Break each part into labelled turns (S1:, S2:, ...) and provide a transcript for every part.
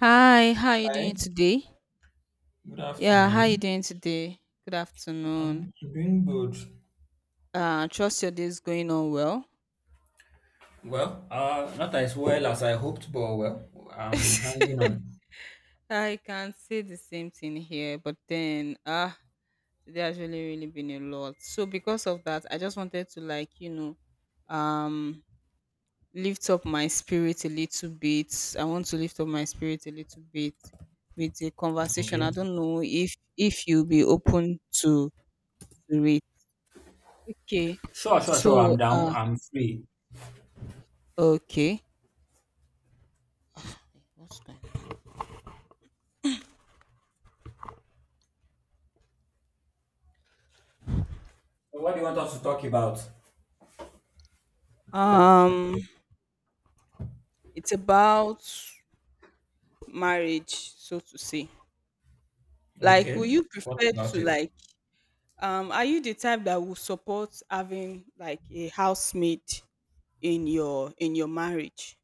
S1: Hi, how you
S2: Hi,
S1: doing today?
S2: good
S1: Yeah, how you
S2: afternoon.
S1: doing today? Good afternoon.
S2: I'm doing good.
S1: Trust your day is going on well.
S2: Well, not as well as I hoped, but well, I'm hanging on.
S1: I can say the same thing here, but then today has really, really been a lot. So because of that, I just wanted to um, lift up my spirit a little bit. I want to lift up my spirit a little bit with a conversation. I
S2: Okay.
S1: don't know if you'll be open to it. Okay,
S2: Sure, sure, sure.
S1: so
S2: I'm down. I'm free.
S1: okay. What's going
S2: So what do you want us to talk about?
S1: Um, it's about marriage, so to say. Like, will
S2: Okay.
S1: you
S2: What
S1: prefer
S2: about
S1: to
S2: it?
S1: like? Are you the type that will support having like a housemate in your marriage?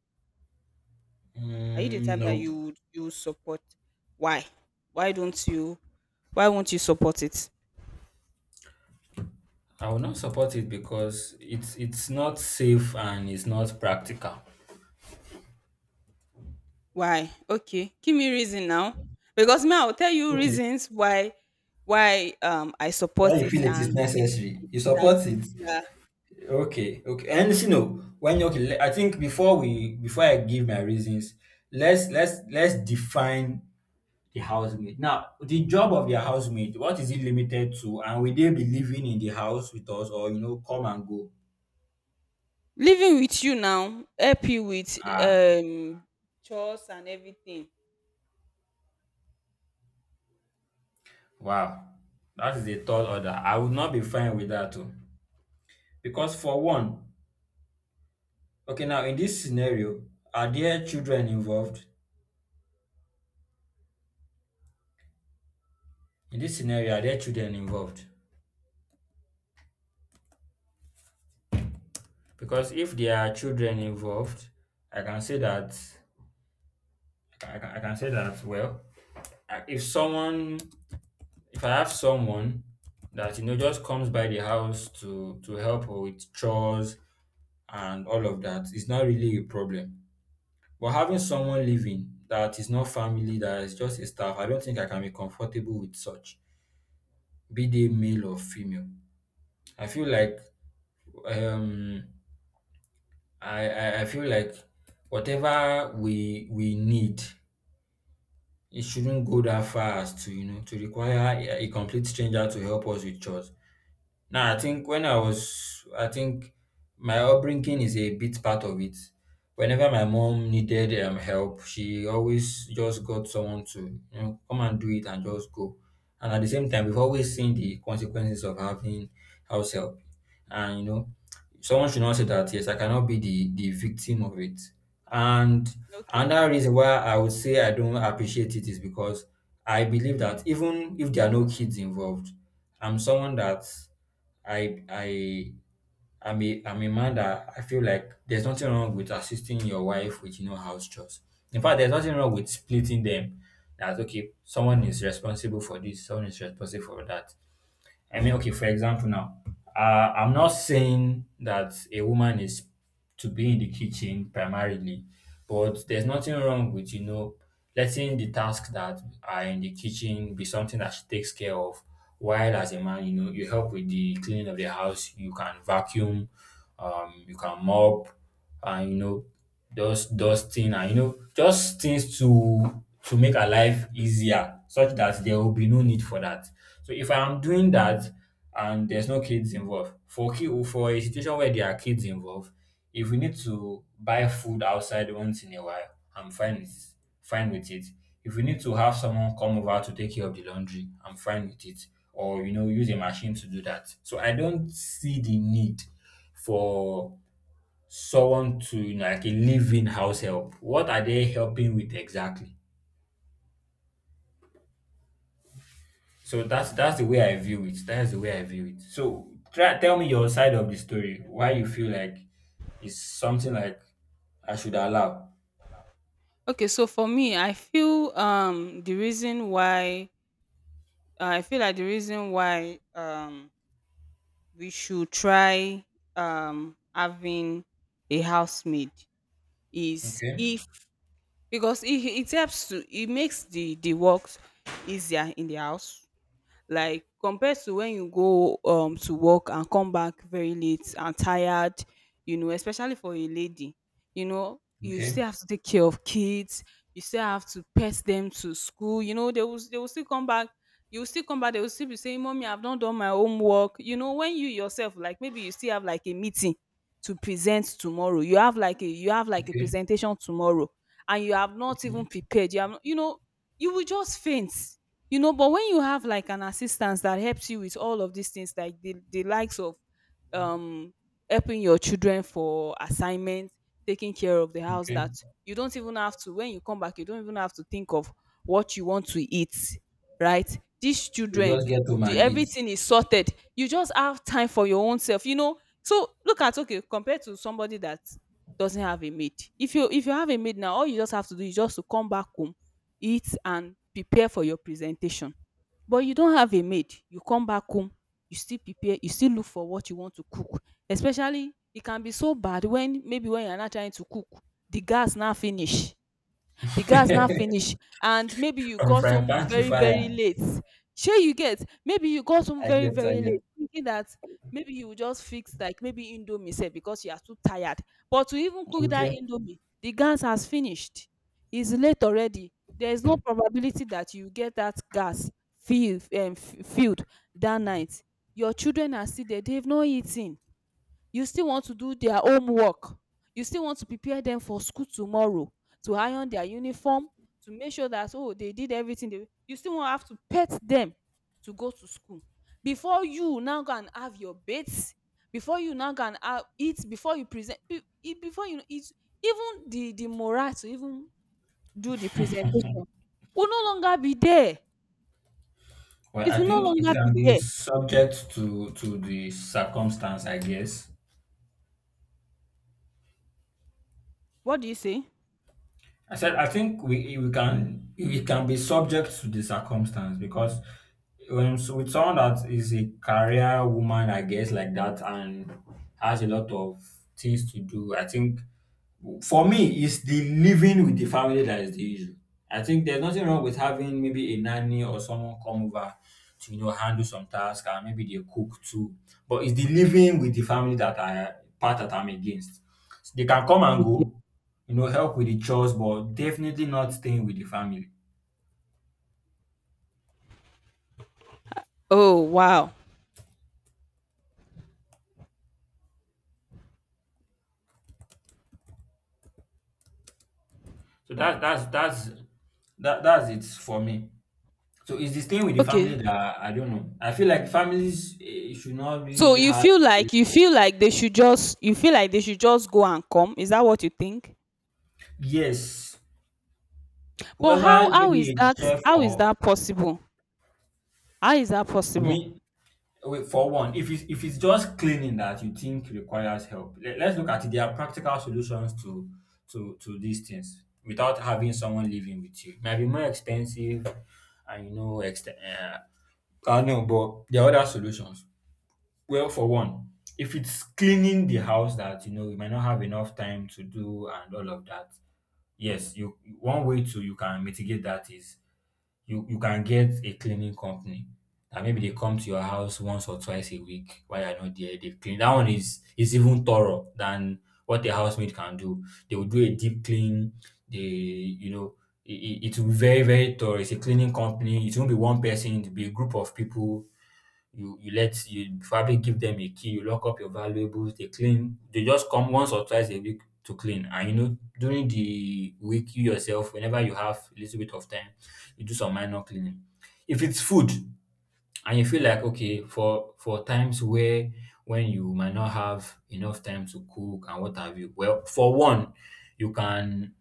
S1: Are you the
S2: Mm,
S1: type that
S2: nope.
S1: you would support? Why? Why don't you? Why won't you support it?
S2: I will not support it because it's not safe and it's not practical.
S1: Why? Okay, give me reason now, because me I will tell you
S2: Okay.
S1: reasons why I
S2: Well,
S1: support
S2: you
S1: it
S2: feel it is
S1: and
S2: necessary.
S1: I
S2: You support
S1: disagree.
S2: it.
S1: Yeah.
S2: Okay, okay. And you see, no, when okay, I think before I give my reasons, let's define the housemaid. Now, the job of the housemaid, what is it limited to? And will they be living in the house with us or come and go?
S1: Living with you now, help you with
S2: Ah,
S1: chores and everything.
S2: wow. That is a tall order. I would not be fine with that too. Because for one, okay, now in this scenario, are there children involved? In this scenario, are there children involved? Because if there are children involved, I can say that I can say that well, I- if someone if I have someone that just comes by the house to help with chores and all of that, it's not really a problem. But having someone living that is not family, that is just a staff, I don't think I can be comfortable with such, be they male or female. I feel like um I feel like whatever we need, it shouldn't go that far as to, to require a complete stranger to help us with chores. No, I think when I was, I think my upbringing is a bit part of it. Whenever my mom needed help, she always just got someone to come and do it and just go. And at the same time, we've always seen the consequences of having house help. And you know, someone should not say that yes, I cannot be the victim of it. And
S1: Okay,
S2: another reason why I would say I don't appreciate it is because I believe that even if there are no kids involved, I'm someone that I I I'm a man that I feel like there's nothing wrong with assisting your wife with house chores. In fact, there's nothing wrong with splitting them. That's okay. Someone is responsible for this, someone is responsible for that. I mean, okay, for example, now, I'm not saying that a woman is to be in the kitchen primarily, but there's nothing wrong with, you know, letting the tasks that are in the kitchen be something that she takes care of. While as a man, you know, you help with the cleaning of the house, you can vacuum, you can mop, and, you know, dusting and you know just things to make her life easier such that there will be no need for that. So if I'm doing that and there's no kids involved, for a situation where there are kids involved, if we need to buy food outside once in a while, I'm fine with, fine with it. If we need to have someone come over to take care of the laundry, I'm fine with it, or you know, use a machine to do that. So I don't see the need for someone to, like, a live-in house help. What are they helping with exactly? So that's the way I view it. That's the way I view it. So try tell me your side of the story. Why you feel like it's something like I should allow.
S1: okay, so for me, I feel the reason why I feel like the reason why we should try having a housemaid is
S2: Okay.
S1: if, because it helps to, it makes the work easier in the house, like compared to when you go to work and come back very late and tired. You know, especially for a lady, you know, you still
S2: Okay.
S1: have to take care of kids. You still have to pet them to school. You know, they will still come back, you will still come back, they will still be saying mommy I've not done my homework. You know, when you yourself, like maybe you still have like a meeting to present tomorrow, you have like a
S2: Okay.
S1: presentation tomorrow, and you have not even
S2: Mhm.
S1: prepared, you have, you know, you will just faint. You know, but when you have like an assistance that helps you with all of these things, like the likes of um helping your children for assignments, taking care of the house,
S2: Okay.
S1: that you don't even have to, when you come back you don't even have to think of what you want to eat, right? These
S2: You
S1: children,
S2: just get home
S1: the
S2: and eat.
S1: everything is sorted, you just have time for your own self, you know. So look at, okay, compared to somebody that doesn't have a maid, if you have a maid now, all you just have to do is just to come back home, eat and prepare for your presentation. But you don't have a maid, you come back home, you still prepare, you still look for what you want to cook. Especially it can be so bad when maybe when you are not trying to cook, the gas now finish, the gas now finish And maybe you
S2: From
S1: got
S2: frying
S1: home
S2: pan to
S1: very, very
S2: fire.
S1: late, shey you get, maybe you got home
S2: I
S1: very,
S2: get, I
S1: very late,
S2: get.
S1: thinking that maybe you will just fix like maybe indomie sef, because you are too tired. But to even cook that
S2: Okay.
S1: indomie, the gas has finished, it's late already, there is no probability that you get that gas filled that night. Your children are still there, they've not eaten. You still want to do their homework, you still want to prepare them for school tomorrow, to iron their uniform, to make sure that oh they did everything, they, you still want to have to pet them to go to school, before you now go and have your bath, before you now go and have eat before you present be- e- before you eat, even the morale to even do the presentation will no longer be there,
S2: Well,
S1: it
S2: I
S1: will no
S2: think it
S1: longer be
S2: can be
S1: there
S2: subject to the circumstance, I guess.
S1: What do you say?
S2: I said I think we can it can be subject to the circumstance because when so with someone that is a career woman, I guess like that, and has a lot of things to do, I think for me, it's the living with the family that is the issue. I think there's nothing wrong with having maybe a nanny or someone come over to you know handle some tasks and maybe they cook too. But it's the living with the family that I part that I'm against. They can come and
S1: Okay.
S2: go, you know, help with the chores, but definitely not staying with the family.
S1: Oh, wow.
S2: So that that's it for me. So it's the staying with the
S1: Okay.
S2: family that I don't know. I feel like families eh, should not
S1: So
S2: really
S1: you
S2: have
S1: feel like,
S2: this.
S1: you feel like they should just, you feel like they should just go and come? Is that what you think?
S2: Yes,
S1: But how
S2: whoever,
S1: how
S2: maybe
S1: is
S2: a
S1: that,
S2: chef
S1: how is
S2: or,
S1: that possible? How is that
S2: you
S1: possible?
S2: mean, wait, for one, if it's just cleaning that you think requires help, let's look at it. There are practical solutions to to these things without having someone living with you. It might be more expensive, and you know, I know, but there are other solutions. Well, for one, if it's cleaning the house that you know you might not have enough time to do and all of that, yes, you one way to, you can mitigate that is you can get a cleaning company that maybe they come to your house once or twice a week while you're not there. They clean. That one is even thorough than what a housemaid can do. They will do a deep clean. They you know, it will be very very thorough. It's a cleaning company. It won't be one person. It'll be a group of people. You probably give them a key, you lock up your valuables, they clean. They just come once or twice a week to clean. And you know, during the week, you yourself, whenever you have a little bit of time, you do some minor cleaning. If it's food, and you feel like, okay, for times where, when you might not have enough time to cook and what have you, well, for one, you can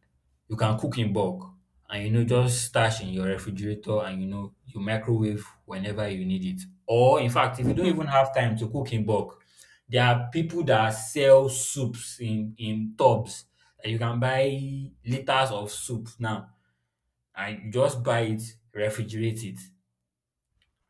S2: you can cook in bulk and you know just stash in your refrigerator and you know you microwave whenever you need it. Or in fact, if you don't
S1: Hmm,
S2: even have time to cook in bulk, there are people that sell soups in tubs, and you can buy liters of soup now, and you just buy it, refrigerate it,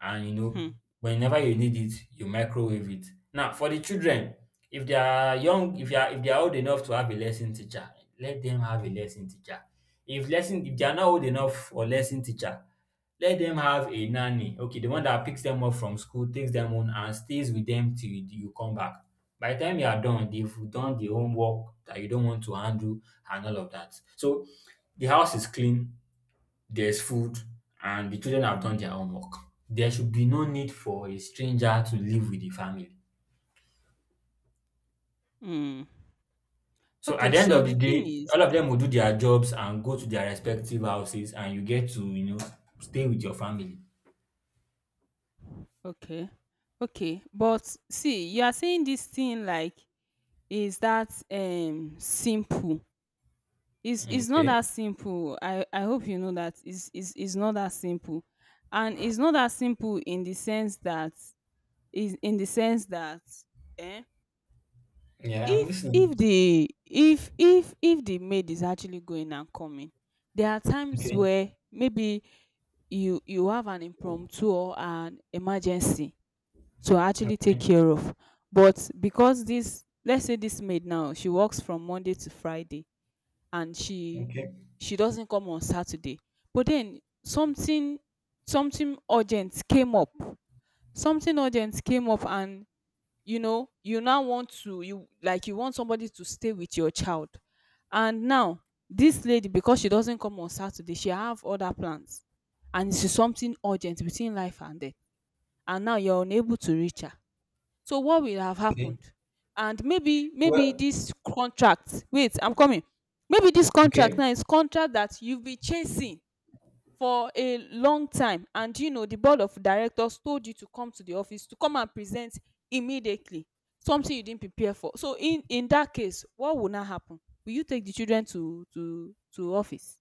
S2: and you know,
S1: hmm,
S2: whenever you need it, you microwave it. Now, for the children, if they are, if they are old enough to have a lesson teacher, let them have a lesson teacher. If lesson if they are not old enough for lesson teacher, let them have a nanny. Okay, the one that picks them up from school, takes them home, and stays with them till you come back. By the time you are done, they've done the homework that you don't want to handle and all of that. So the house is clean, there's food, and the children have done their homework. There should be no need for a stranger to live with the family.
S1: hmm.
S2: So at
S1: Okay,
S2: the end
S1: so
S2: of
S1: the
S2: the
S1: thing
S2: day,
S1: is,
S2: all of them will do their jobs and go to their respective houses, and you get to, you know, stay with your family.
S1: okay, okay, but see, you are saying this thing like, is that simple? It's not
S2: Okay.
S1: that simple. I hope you know that it's it's not that simple, and it's not that simple in the sense that, is in the sense that. Eh?
S2: Yeah, I'm
S1: if
S2: listening.
S1: if the if the maid is actually going and coming, there are times
S2: Okay.
S1: where maybe you have an impromptu or an emergency to actually take
S2: Okay.
S1: care of, but because this, let's say this maid now, she works from Monday to Friday, and she
S2: Okay.
S1: she doesn't come on Saturday, but then something, something urgent came up, something urgent came up, and you know you now want to, you like you want somebody to stay with your child, and now this lady, because she doesn't come on Saturday, she have other plans, and it's something urgent between life and death, and now you're unable to reach her, so what will have
S2: Okay.
S1: happened? And maybe, maybe
S2: Well,
S1: this contract, wait I'm coming, maybe this contract
S2: okay.
S1: now is contract that you've been chasing for a long time, and you know the board of directors told you to come to the office to come and present immediately, something you didn't prepare for. So in that case, what would now happen? Will you take the children to to office?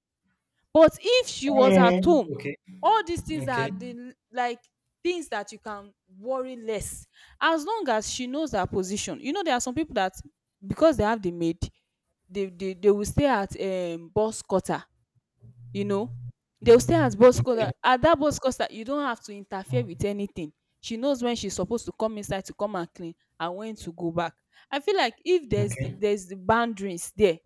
S1: But if she was at
S2: Mm.
S1: home,
S2: Okay.
S1: all these things are
S2: Okay.
S1: the l- like things that you can worry less, as long as she knows her position. You know, there are some people that because they have the maid, they will stay at boss quarter, you know, they'll stay at boss cause, that
S2: Okay.
S1: at that boss cost, that you don't have to interfere with anything. She knows when she's supposed to come inside to come and clean and when to go back. I feel like if there's
S2: Okay.
S1: there's the boundaries there,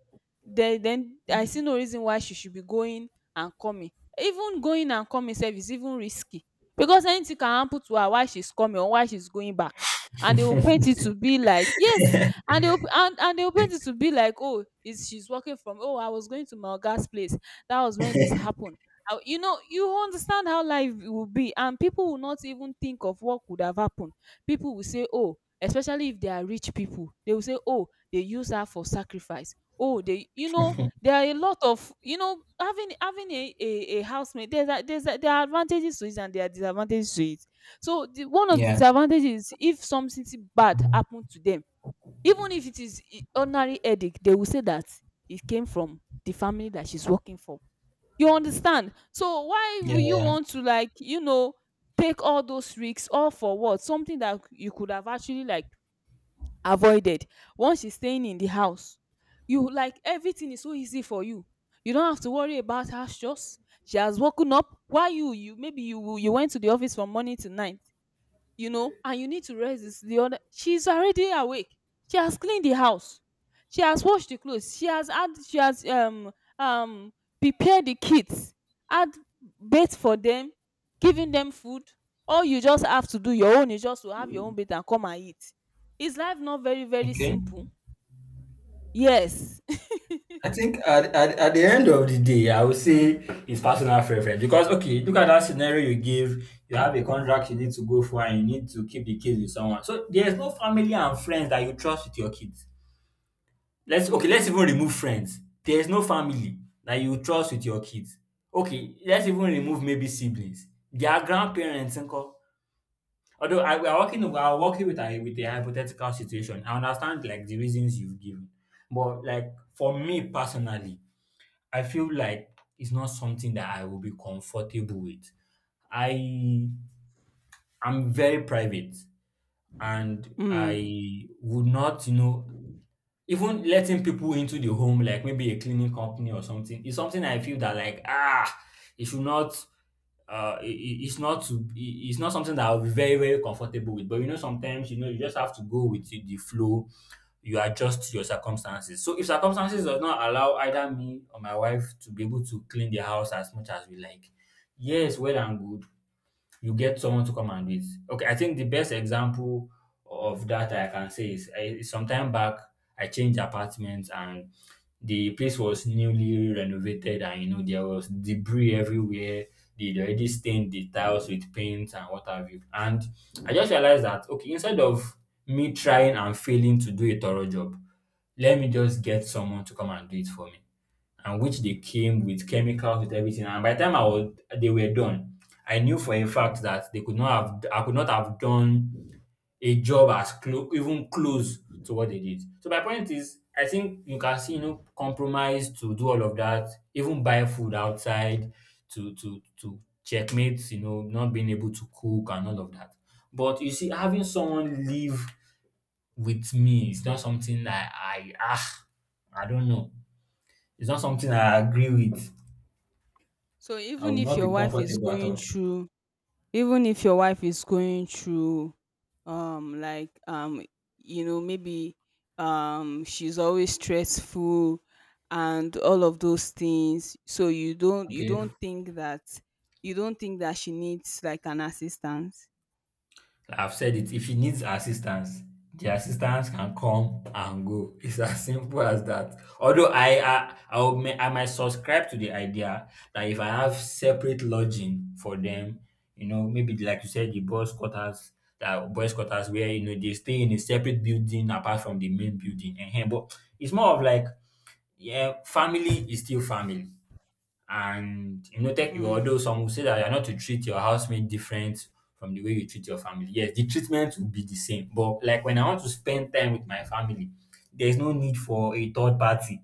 S1: then I see no reason why she should be going and coming. Even going and coming sef is even risky, because anything can happen to her while she's coming or while she's going back, and they will paint it to be like yes, and they will, and they will paint it to be like, oh, is she's working from, oh, I was going to my oga's place, that was when this happened. How- You know, you understand how life will be, and people will not even think of what could have happened. People will say, "Oh," especially if they are rich people, they will say, "Oh, they use her for sacrifice." Oh, they, you know, there are a lot of, you know, a housemate. There's a, there are advantages to it and there are disadvantages to it. So the, one of the disadvantages is if something bad happened to them, even if it is I- ordinary headache, they will say that it came from the family that she's working for, you understand? So why would you want to like, you know, take all those risks, all for what? Something that you could have actually like avoided, once she's staying in the house. You, like everything is so easy for you. You don't have to worry about her chores. She has woken up. Why, you, maybe you, you went to the office from morning to night, you know, and you need to rest, this the other she's already awake, she has cleaned the house, she has washed the clothes, she has had, she has um prepared the kids, had bath for them, giving them food, all you just have to do your own is just to have your own bath and come and eat. Is life not very, very
S2: Okay.
S1: simple? Yes.
S2: I think at, at the end of the day, I would say it's personal preference because okay, look at that scenario you give. You have a contract you need to go for, and you need to keep the kids with someone. So there's no family and friends that you trust with your kids. Let's, okay, let's
S1: Mm.
S2: even remove friends. There's no family that you trust with your kids. Okay, let's even remove maybe siblings. Their grandparents, nko. Although I, we are working with a hypothetical situation. I understand like the reasons you've given, but like for me personally. I feel like it's not something that I will be comfortable with. I am very private and
S1: Mm.
S2: I would not, you know, even letting people into the home, like maybe a cleaning company or something, is something I feel that like ah, it should not. It's not something that I'll be very very comfortable with. But you know, sometimes you know you just have to go with the flow. You adjust your circumstances. So if circumstances does not allow either me or my wife to be able to clean the house as much as we like, yes, well and good, you get someone to come and do it. Okay, I think the best example of that I can say is, I, sometime back, I changed apartments and the place was newly renovated and you know there was debris everywhere. They'd already stained the tiles with paint and what have you. And I just realized that, okay, instead of me trying and failing to do a thorough job, let me just get someone to come and do it for me, and which they came with chemicals, with everything. And by the time they were done. I knew for a fact that they could not have, I could not have done a job as close, even close to what they did. So my point is, I think you can see, you know, compromise to do all of that, even buy food outside to checkmate, you know, not being able to cook and all of that. But you see, having someone live with me is not something that I don't know. It's not something I agree with.
S1: So
S2: I
S1: even
S2: will
S1: if
S2: not
S1: your
S2: be
S1: wife is
S2: comfortable at
S1: going
S2: all.
S1: through, even if your wife is going through um like um you know, maybe she's always stressful and all of those things, so you don't, you
S2: Okay.
S1: don't think that, you don't think that she needs like an assistance?
S2: I've said it. If he needs assistance, the assistance can come and go. It's as simple as that. Although I might subscribe to the idea that if I have separate lodging for them, you know, maybe like you said, the boys quarters, that boys quarters where you know they stay in a separate building apart from the main building. And but it's more of like, yeah, family is still family. And you know, tech,
S1: Mm,
S2: although some will say that you're not to treat your housemate different from the way you treat your family. Yes, the treatment will be the same. But like when I want to spend time with my family, there's no need for a third party.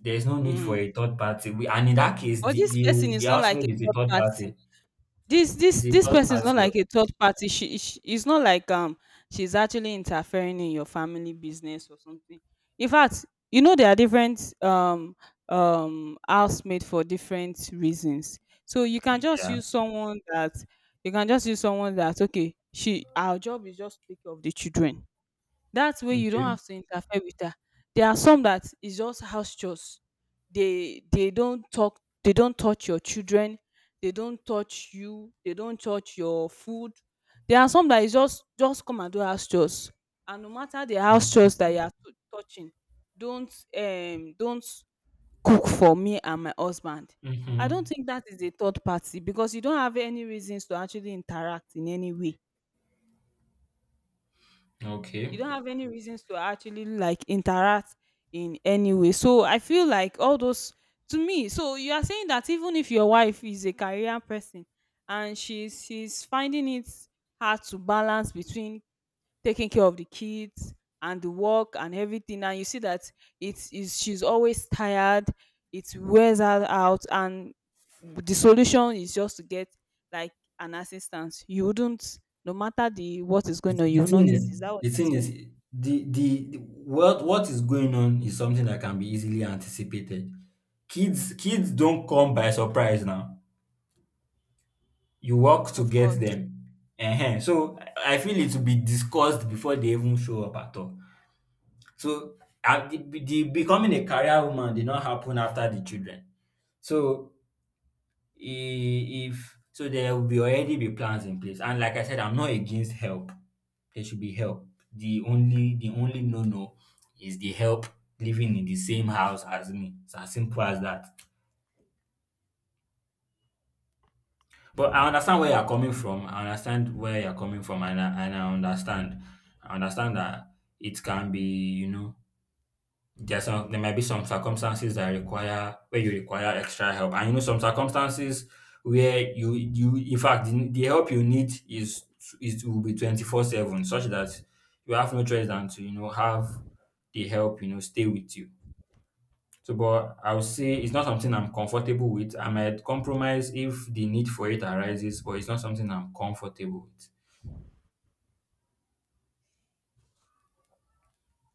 S2: There's no need for
S1: mm.
S2: a third party. And in that case,
S1: But
S2: the,
S1: this
S2: the
S1: person
S2: the
S1: is not like a
S2: housemate is a
S1: third
S2: third
S1: party,
S2: party.
S1: this this
S2: Is a
S1: this
S2: third
S1: person is not
S2: party.
S1: like a third party, she, it's not like she's actually interfering in your family business or something. In fact, you know, there are different housemates for different reasons. So you can just
S2: Yeah.
S1: use someone that, you can just use someone that, okay, she, our job is just to take care of the children, that way you don't
S2: Okay.
S1: have to interfere with her. There are some that is just house chores. They don't talk, they don't touch your children, they don't touch you, they don't touch your food. There are some that is just come and do house chores. And no matter the house chores that you are tou- touching, don't cook for me and my husband. I don't
S2: Mm-hmm.
S1: think that is a third party because you don't have any reasons to actually interact in any way,
S2: Okay.
S1: you don't have any reasons to actually like interact in any way. So I feel like all those to me. So you are saying that even if your wife is a career person and she's finding it hard to balance between taking care of the kids and the work and everything, and you see that it's she's always tired, it wears her out, and the solution is just to get like an assistance, you wouldn't, no matter the what is
S2: The
S1: going on you
S2: the
S1: will
S2: thing
S1: not get,
S2: is,
S1: is that what
S2: the
S1: you're
S2: thing is
S1: saying?
S2: the what is going on is something that can be easily anticipated. Kids don't come by surprise now. You work to
S1: Of course.
S2: get them. Ehen. So I feel it will be discussed before they even show up at all. So, the becoming a career woman did not happen after the children. So, if so there will be already be plans in place, and like I said, I'm not against help. There should be help. The only no, no is the help living in the same house as me. It's as simple as that. But I understand where you're coming from. I understand where you're coming from, and I understand. I understand that it can be, you know, there are some, there might be some circumstances that require, where you require extra help, and you know, some circumstances where you in fact, the help you need is will be 24/7, such that you have no choice than to, you know, have the help, you know, stay with you. So, but I would say it's not something I'm comfortable with. I might compromise if the need for it arises, but it's not something I'm comfortable with.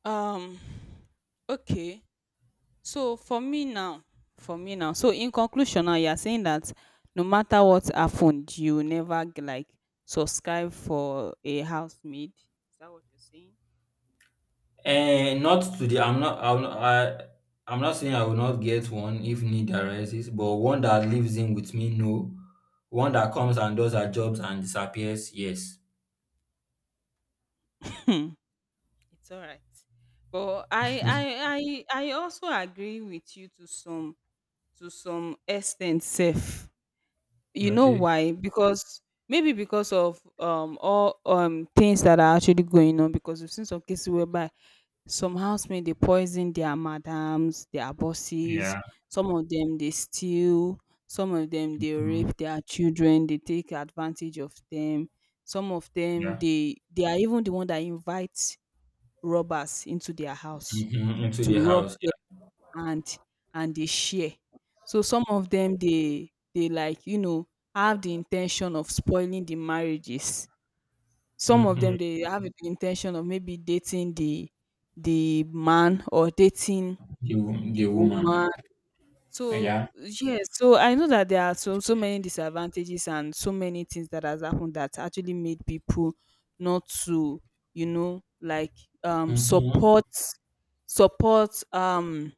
S1: Um okay. So for me now, for me now. So in conclusion now, you are saying that no matter what happened, you will never like subscribe for a housemaid. Is that what you're saying?
S2: And not today. I'm not saying I will not get one if need arises, but one that lives in with me, no. One that comes and does her jobs and disappears, yes.
S1: Hmm, it's all right. But I I I I also agree with you to some extent, Safe. You know
S2: Okay.
S1: why? Because maybe because of all things that are actually going on, because we've seen some cases whereby some housemate dey poison their madams, their bosses,
S2: Yeah.
S1: some of dem dey steal, some of dem dey
S2: Mhm.
S1: rape their children, dey take advantage of dem. Some of dem
S2: Yeah.
S1: dey they are even the one that invite robbers into their house
S2: Mhm. Into
S1: to
S2: the
S1: rob
S2: house,
S1: them
S2: yeah.
S1: and and dey share. So some of them dey like you know have the intention of spoiling the marriages. Some of
S2: Mm-hmm.
S1: them they have the intention of maybe dating the man or dating the
S2: The woman,
S1: woman. So
S2: yeah.
S1: yes, so I know that there are so many disadvantages and so many things that has happened that actually made people not to, you know, like
S2: Mm-hmm.
S1: support support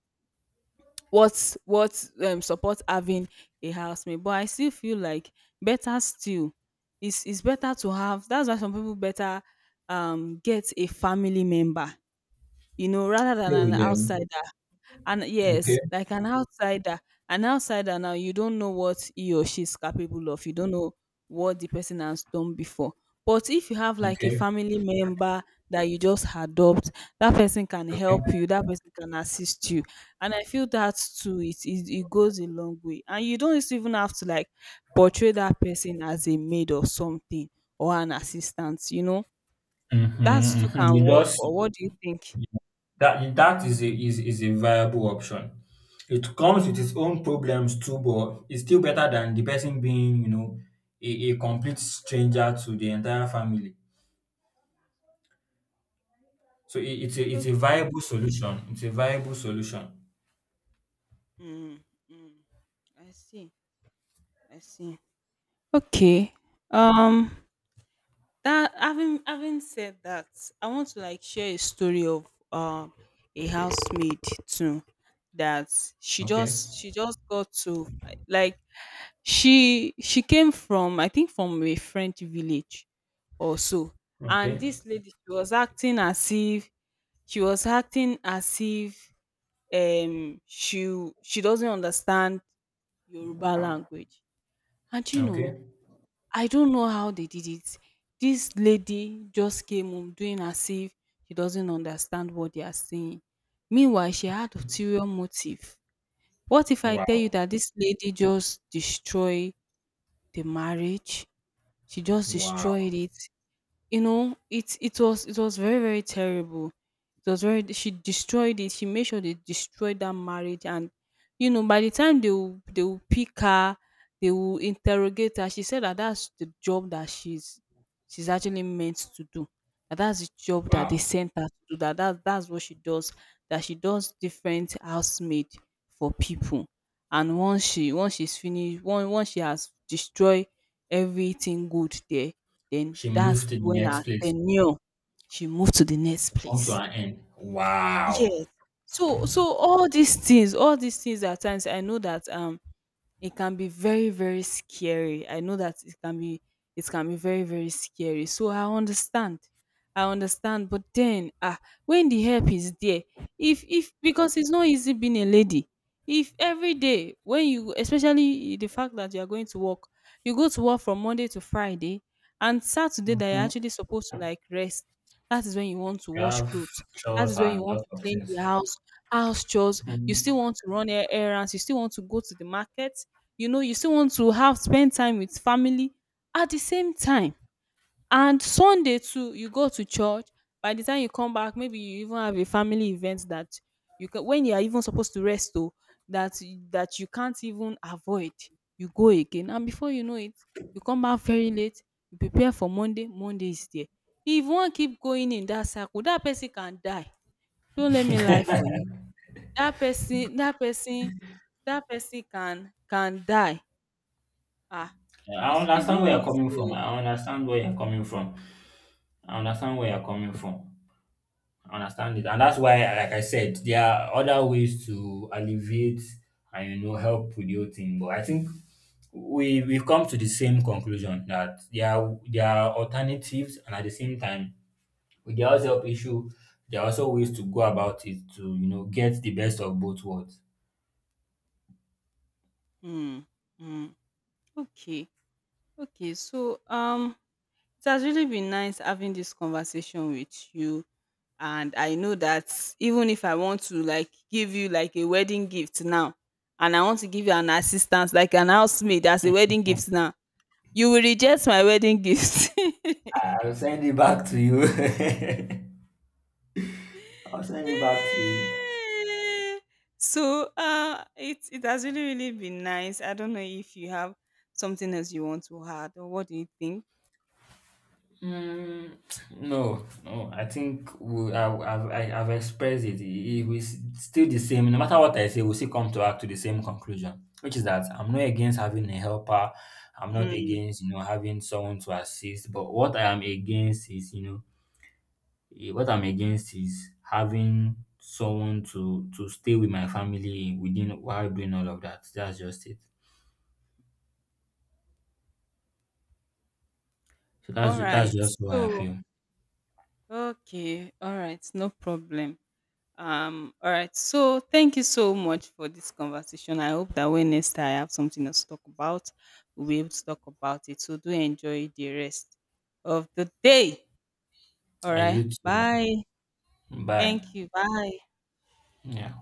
S1: what support having a housemate. But I still feel like better still it's better to have, that's why some people better get a family member, you know, rather than
S2: Stay
S1: an
S2: with
S1: outsider.
S2: them.
S1: And yes,
S2: Okay.
S1: like an outsider now, you don't know what he or she is capable of. You don't know what the person has done before. But if you have like a
S2: Okay.
S1: family member that you just adopt, that person can
S2: Okay.
S1: help you, that person can assist you. And I feel that too, it goes a long way. And you don't even have to like portray that person as a maid or something or an assistant, you know? That
S2: Mm-hmm.
S1: too
S2: Mm-hmm.
S1: can
S2: You
S1: work.
S2: just
S1: Or what do you think?
S2: That is a is a viable option. It comes with its own problems too, but it's still better than the person being, you know, a complete stranger to the entire family. So it's a it's a
S1: Okay.
S2: viable solution. It's a viable solution.
S1: Mm, mm. I see. I see. Okay. Um that having said that, I want to like share a story of a housemaid too, that
S2: Okay.
S1: she just got to like she came from I think from a French village or so. And
S2: Okay.
S1: this lady she was acting as if she doesn't understand Yoruba language. And you know
S2: Okay.
S1: I don't know how they did it. This lady just came home doing as if she doesn't understand what they are saying. Meanwhile, she had ulterior motive. What if I tell you
S2: Wow.
S1: that this lady just destroyed the marriage? She just
S2: Wow.
S1: destroyed it. You know it was it was very very terrible, it was very, she destroyed it, she made sure they destroyed that marriage. And you know by the time they will pick her, they will interrogate her, she said that that's the job that she's actually meant to do, that's the job that they
S2: Wow.
S1: sent her to do, that's what she does, that she does different housemaid for people. And once she's finished, once she has destroyed everything good there, then
S2: She
S1: that's
S2: moved to the
S1: when
S2: next
S1: her
S2: place.
S1: tenure, she moved to the next
S2: To come to
S1: place.
S2: an end. Wow.
S1: Yes. So so all these things, all these things at times, I know that it can be very very scary. I know that it can be very very scary. So I understand, I understand, but then ah, when the help is there, if because it's not easy being a lady, if every day when you, especially the fact that you are going to work, you go to work from Monday to Friday, and Saturday that you're
S2: Mhm.
S1: actually supposed to like rest, that is when you want to
S2: You
S1: wash
S2: have
S1: clothes, that
S2: chores
S1: is when you
S2: and a
S1: want
S2: lot
S1: to
S2: of
S1: clean
S2: things.
S1: the house, house chores, you still want to run errands, you still want to go to the market, you know, you still want to have spend time with family at the same time. And Sunday too you go to church, by the time you come back maybe you even have a family event that you can, when you are even supposed to rest though, that that you can't even avoid, you go again. And before you know it, you come back very late, you prepare for Monday, Monday is there. If one keep going in that circle, that person can die. Don't let me lie for you, that person, that person, that person can die. Ah,
S2: I
S1: it's
S2: understand
S1: not
S2: where you're
S1: easy.
S2: coming from.
S1: Oh.
S2: I understand where you're coming from. I understand where you're coming from. I understand it. And that's why, like I said, there are other ways to alleviate and you know help with the whole thing. But I think we've come to the same conclusion that there are alternatives, and at the same time, with the house help issue, there are also ways to go about it to, you know, get the best of both worlds.
S1: Mm, mm. Okay, okay. So it has really been nice having this conversation with you, and I know that even if I want to like give you like a wedding gift now, and I want to give you an assistance like an housemaid as a wedding gift now, you will reject my wedding gift.
S2: I'll send it back to you. I'll send it back to you.
S1: Eh. So it it has really really been nice. I don't know if you have something else you want to add, or what do you think?
S2: Mm, no, no. I think we, I, I've expressed it. It was still the same. No matter what I say, we still come to act to the same conclusion, which is that I'm not against having a helper. I'm not
S1: Mm.
S2: against you know having someone to assist. But what I am against is you know, what I'm against is having someone to stay with my family within while doing all of that. That's just it. So that's
S1: All
S2: that's
S1: right,
S2: just what I
S1: so
S2: feel.
S1: okay, all right, no problem. All right, so thank you so much for this conversation. I hope that when next I have something else to talk about, we'll be able to talk about it. So do enjoy the rest of the day. All
S2: And
S1: right,
S2: you too.
S1: bye.
S2: Bye.
S1: Thank you, bye.
S2: Yeah.